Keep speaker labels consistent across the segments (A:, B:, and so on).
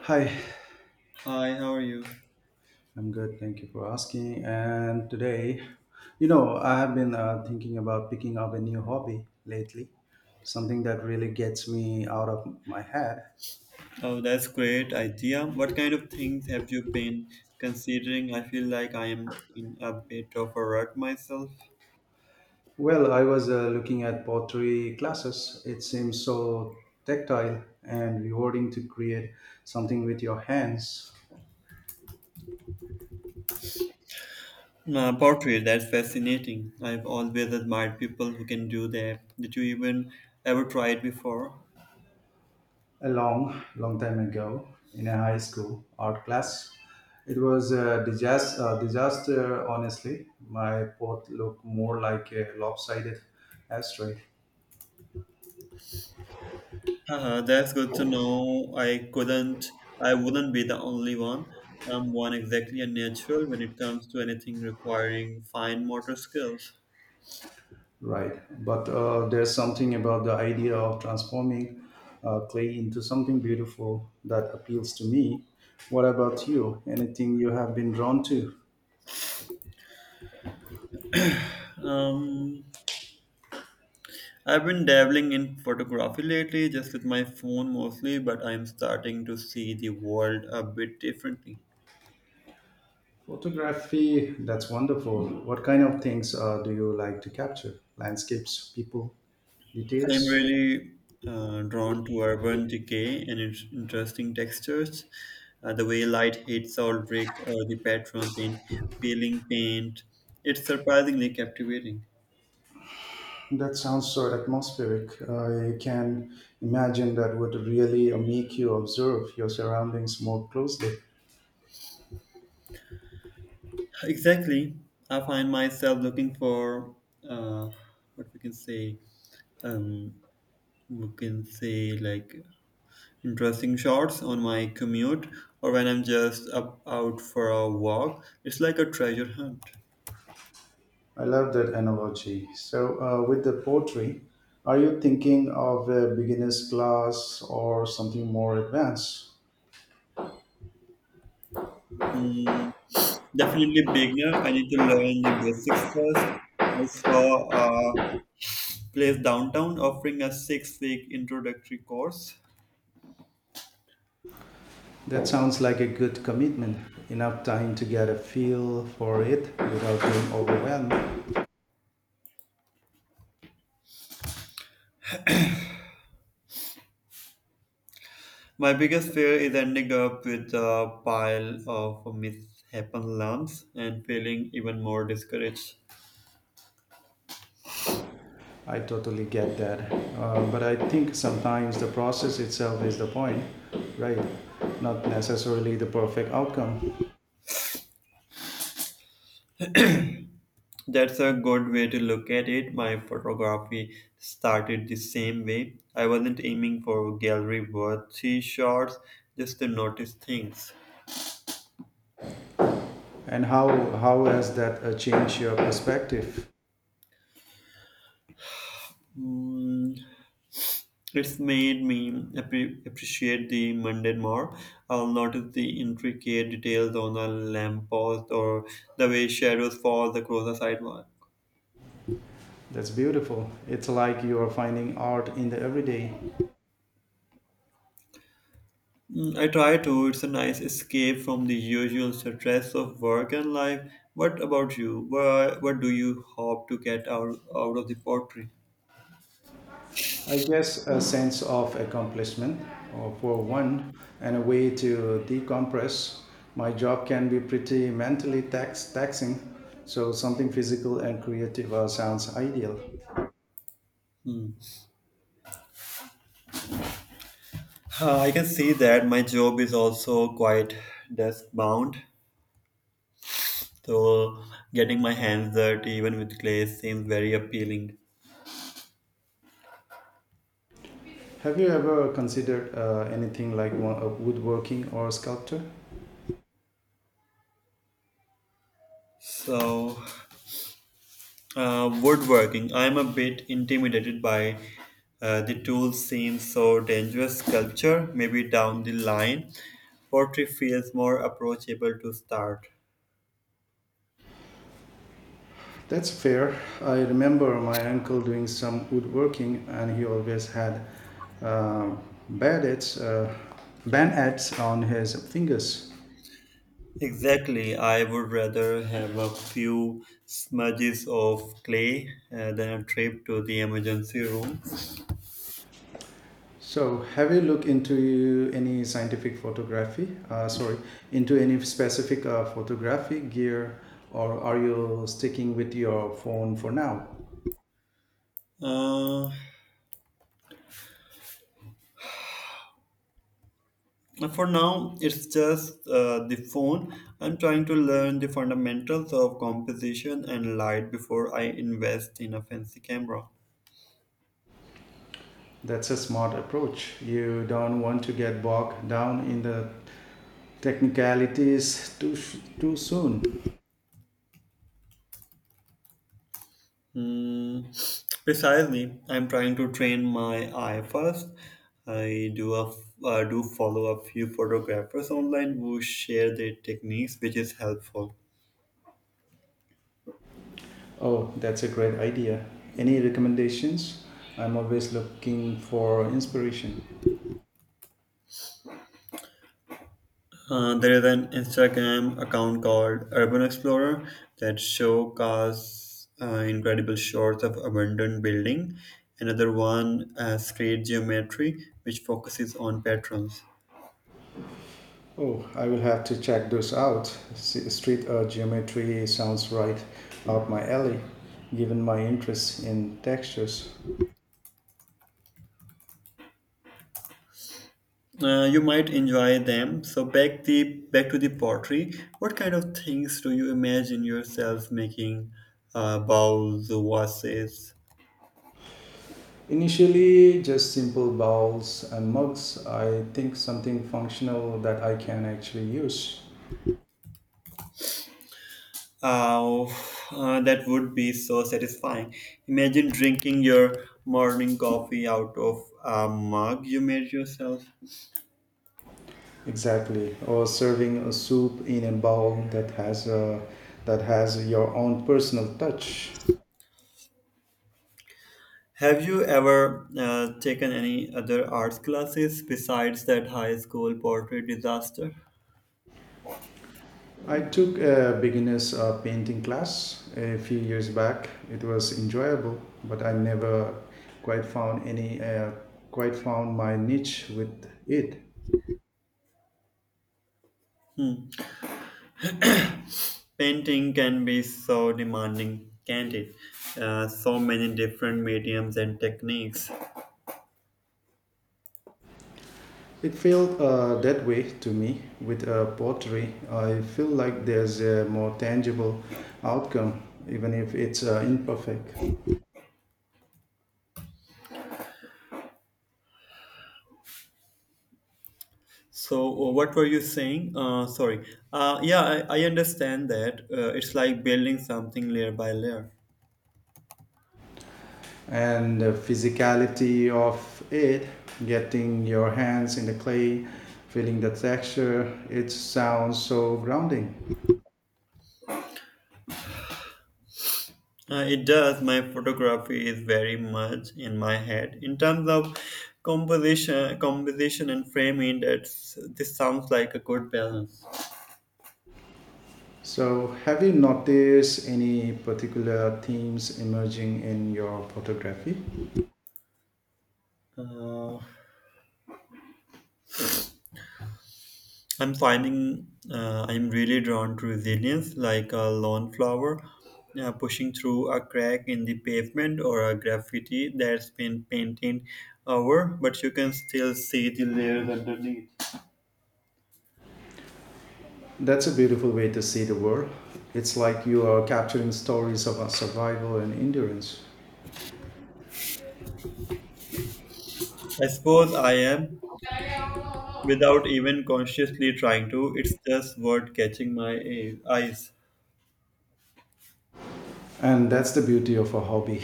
A: Hi,
B: Hi, how are you?
A: I'm good. Thank you for asking. And today, you know, I have been thinking about picking up a new hobby lately, something that really gets me out of my head.
B: Oh, that's great idea. What kind of things have you been considering? I feel like I am in a bit of a rut myself.
A: Well, I was looking at pottery classes. It seems so tactile and rewarding to create something with your hands.
B: Pottery, that's fascinating. I've always admired people who can do that. Did you even ever try it before?
A: A long, long time ago in a high school art class. It was a disaster, honestly. My pot looked more like a lopsided ashtray.
B: That's good to know. I wouldn't be the only one. I'm one exactly a natural when it comes to anything requiring fine motor skills.
A: Right. But there's something about the idea of transforming clay into something beautiful that appeals to me. What about you? Anything you have been drawn to?
B: Um, I've been dabbling in photography lately, just with my phone mostly, but I'm starting to see the world a bit differently.
A: Photography, that's wonderful. What kind of things do you like to capture? Landscapes, people,
B: I'm
A: details?
B: really drawn to urban decay and its interesting textures, the way light hits old brick or the patterns in peeling paint. It's surprisingly captivating.
A: That sounds so atmospheric. I can imagine that would really make you observe your surroundings more closely.
B: Exactly. I find myself looking for uh, what um, we can say like interesting shots on my commute or when I'm just up out for a walk. It's like a treasure hunt.
A: I love that analogy. So, with the poetry, are you thinking of a beginner's class or something more advanced?
B: Mm, definitely beginner. I need to learn the basics first. I saw a place downtown offering a six-week introductory course.
A: That sounds like a good commitment. Enough time to get a feel for it without being overwhelmed.
B: My biggest fear is ending up with a pile of mishapen lumps and feeling even more discouraged.
A: I totally get that. But I think sometimes the process itself is the point, right? Not necessarily the perfect outcome.
B: That's a good way to look at it. My photography started the same way. I wasn't aiming for gallery worthy shots, just to notice things.
A: And how has that changed your perspective?
B: Mm, It's made me appreciate the mundane more. I'll notice the intricate details on a lamppost or the way shadows fall across a sidewalk.
A: That's beautiful. It's like you are finding art in the everyday.
B: Mm, I try to. It's a nice escape from the usual stress of work and life. What about you? What do you hope to get out of the pottery?
A: I guess a sense of accomplishment for one and a way to decompress. My job can be pretty taxing, so something physical and creative sounds ideal.
B: Hmm. I can see that my job is also quite desk bound, so getting my hands dirty even with clay seems very appealing.
A: Have you ever considered anything like one, woodworking or sculpture?
B: So, Woodworking. I am a bit intimidated by the tool seems so dangerous. Sculpture, maybe down the line. Pottery feels more approachable to start.
A: That's fair. I remember my uncle doing some woodworking, and he always had uh, bandits, uh, bandits on his fingers.
B: Exactly. I would rather have a few smudges of clay than a trip to the emergency room.
A: So, have you looked into any into any specific photography gear, or are you sticking with your phone for now?
B: Uh, for now, it's just the phone. I'm trying to learn the fundamentals of composition and light before I invest in a fancy camera.
A: That's a smart approach. You don't want to get bogged down in the technicalities too soon.
B: Hmm, precisely. I'm trying to train my eye first. I do a, I do follow a few photographers online who share their techniques, which is helpful.
A: Oh, that's a great idea. Any recommendations? I'm always looking for inspiration.
B: There is an Instagram account called Urban Explorer that showcases incredible shots of abandoned building. Another one, Street Geometry, which focuses on patterns.
A: Oh, I will have to check those out. Street art geometry sounds right up my alley, given my interest in textures.
B: You might enjoy them. Back to the pottery. What kind of things do you imagine yourself making? Bowls, vases.
A: Initially, just simple bowls and mugs. I think something functional that I can actually use.
B: Oh, that would be so satisfying. Imagine drinking your morning coffee out of a mug you made yourself.
A: Exactly, or serving a soup in a bowl that has your own personal touch.
B: Have you ever taken any other arts classes besides that high school pottery disaster?
A: I took a beginners painting class a few years back. It was enjoyable, but I never quite found any uh, quite found my niche with it.
B: Painting can be so demanding, can't it? So many different mediums and techniques.
A: It felt that way to me with pottery. I feel like there's a more tangible outcome, even if it's imperfect.
B: What were you saying? Sorry. Yeah, I understand that. It's like building something layer by layer.
A: And the physicality of it, getting your hands in the clay, feeling the texture, it sounds so grounding.
B: It does. My photography is very much in my head. In terms of composition and framing, this sounds like a good balance.
A: So have you noticed any particular themes emerging in your photography?
B: Uh, I'm finding I'm really drawn to resilience, like a lawnflower pushing through a crack in the pavement or a graffiti that's been painted over, but you can still see the layers underneath.
A: That's a beautiful way to see the world. It's like you are capturing stories of our survival and endurance.
B: I suppose I am, without even consciously trying to, it's just word catching my eyes.
A: And that's the beauty of a hobby,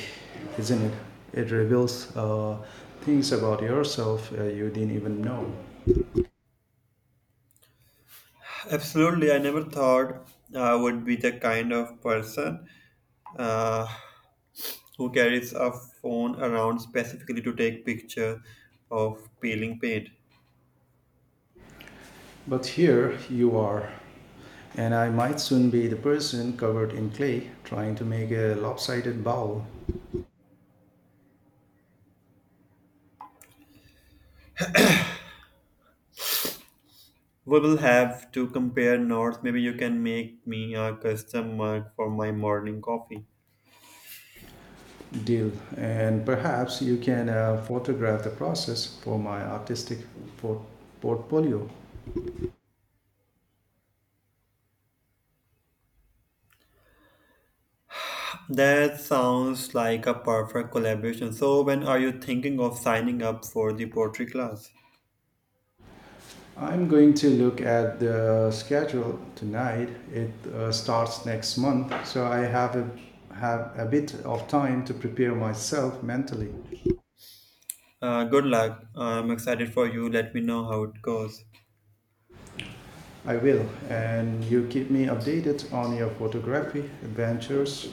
A: isn't it? It reveals things about yourself you didn't even know.
B: Absolutely, I never thought I would be the kind of person. Uh, who carries a phone around specifically to take picture of peeling paint.
A: But here you are, and I might soon be the person covered in clay trying to make a lopsided bowl.
B: We will have to compare notes. Maybe you can make me a custom mug for my morning coffee.
A: Deal. And perhaps you can photograph the process for my artistic por- portfolio.
B: That sounds like a perfect collaboration. So, when are you thinking of signing up for the poetry class?
A: I'm going to look at the schedule tonight. It starts next month, so have a bit of time to prepare myself mentally.
B: Good luck. I'm excited for you. Let me know how it goes.
A: I will, and you keep me updated on your photography adventures.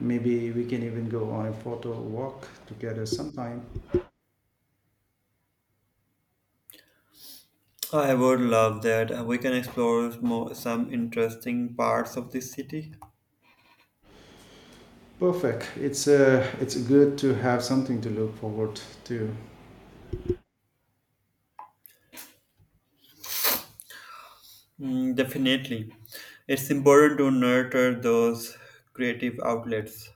A: Maybe we can even go on a photo walk together sometime.
B: I would love that. We can explore more, some interesting parts of the city.
A: Perfect. It's good to have something to look forward to.
B: Mm, definitely. It's important to nurture those creative outlets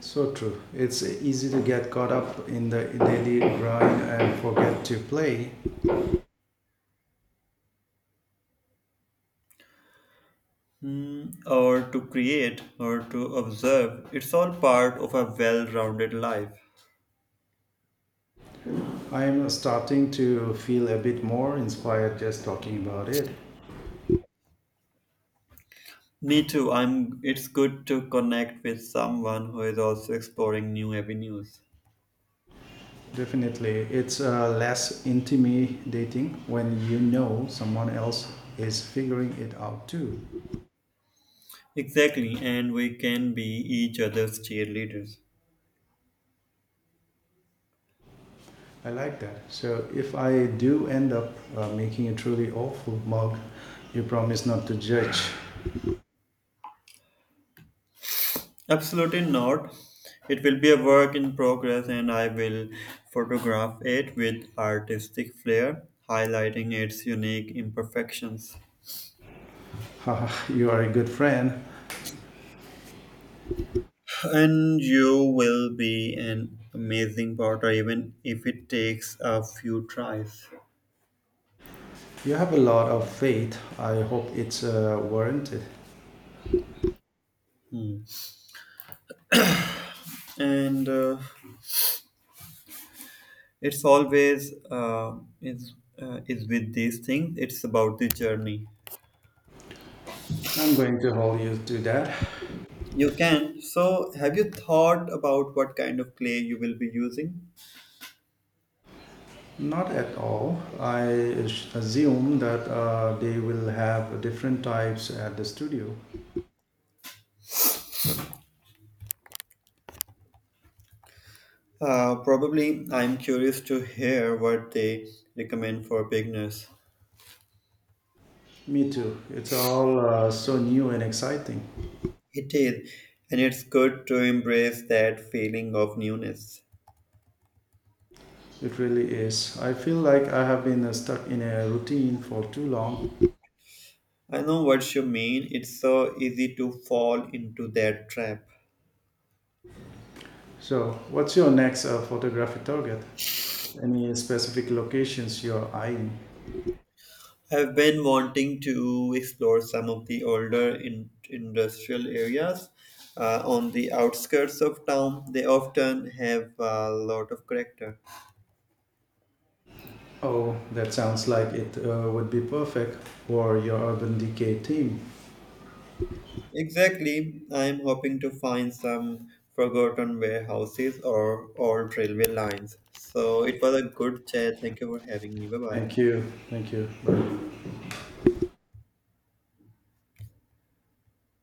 A: So true. It's easy to get caught up in the daily grind and forget to play.
B: mm, or to create or to observe. It's all part of a well rounded life.
A: I'm starting to feel a bit more inspired just talking about it.
B: Me too. I'm it's good to connect with someone who is also exploring new avenues.
A: Definitely, it's less intimidating when you know someone else is figuring it out too.
B: Exactly, and we can be each other's cheerleaders.
A: I like that. So if I do end up making a truly awful mug, you promise not to judge.
B: Absolutely not. It will be a work in progress, and I will photograph it with artistic flair, highlighting its unique imperfections.
A: You are a good friend.
B: And you will be an amazing potter, even if it takes a few tries.
A: You have a lot of faith. I hope it's warranted.
B: Hmm. And It's always is with these things. It's about the journey.
A: I'm going to hold you to that.
B: You can. So, have you thought about what kind of clay you will be using?
A: Not at all. I assume that they will have different types at the studio.
B: Probably I'm curious to hear what they recommend for beginners.
A: Me too. It's all so new and exciting.
B: It is, and it's good to embrace that feeling of newness.
A: It really is. I feel like I have been stuck in a routine for too long.
B: I know what you mean, it's so easy to fall into that trap.
A: So, what's your next photographic target? Any specific locations you're eyeing?
B: I've been wanting to explore some of the older industrial areas on the outskirts of town. They often have a lot of character.
A: Oh, that sounds like it would be perfect for your urban decay team.
B: Exactly. I'm hoping to find some forgotten warehouses or old railway lines. So it was a good chat. Thank you for having me. Bye bye.
A: Thank you. Thank you.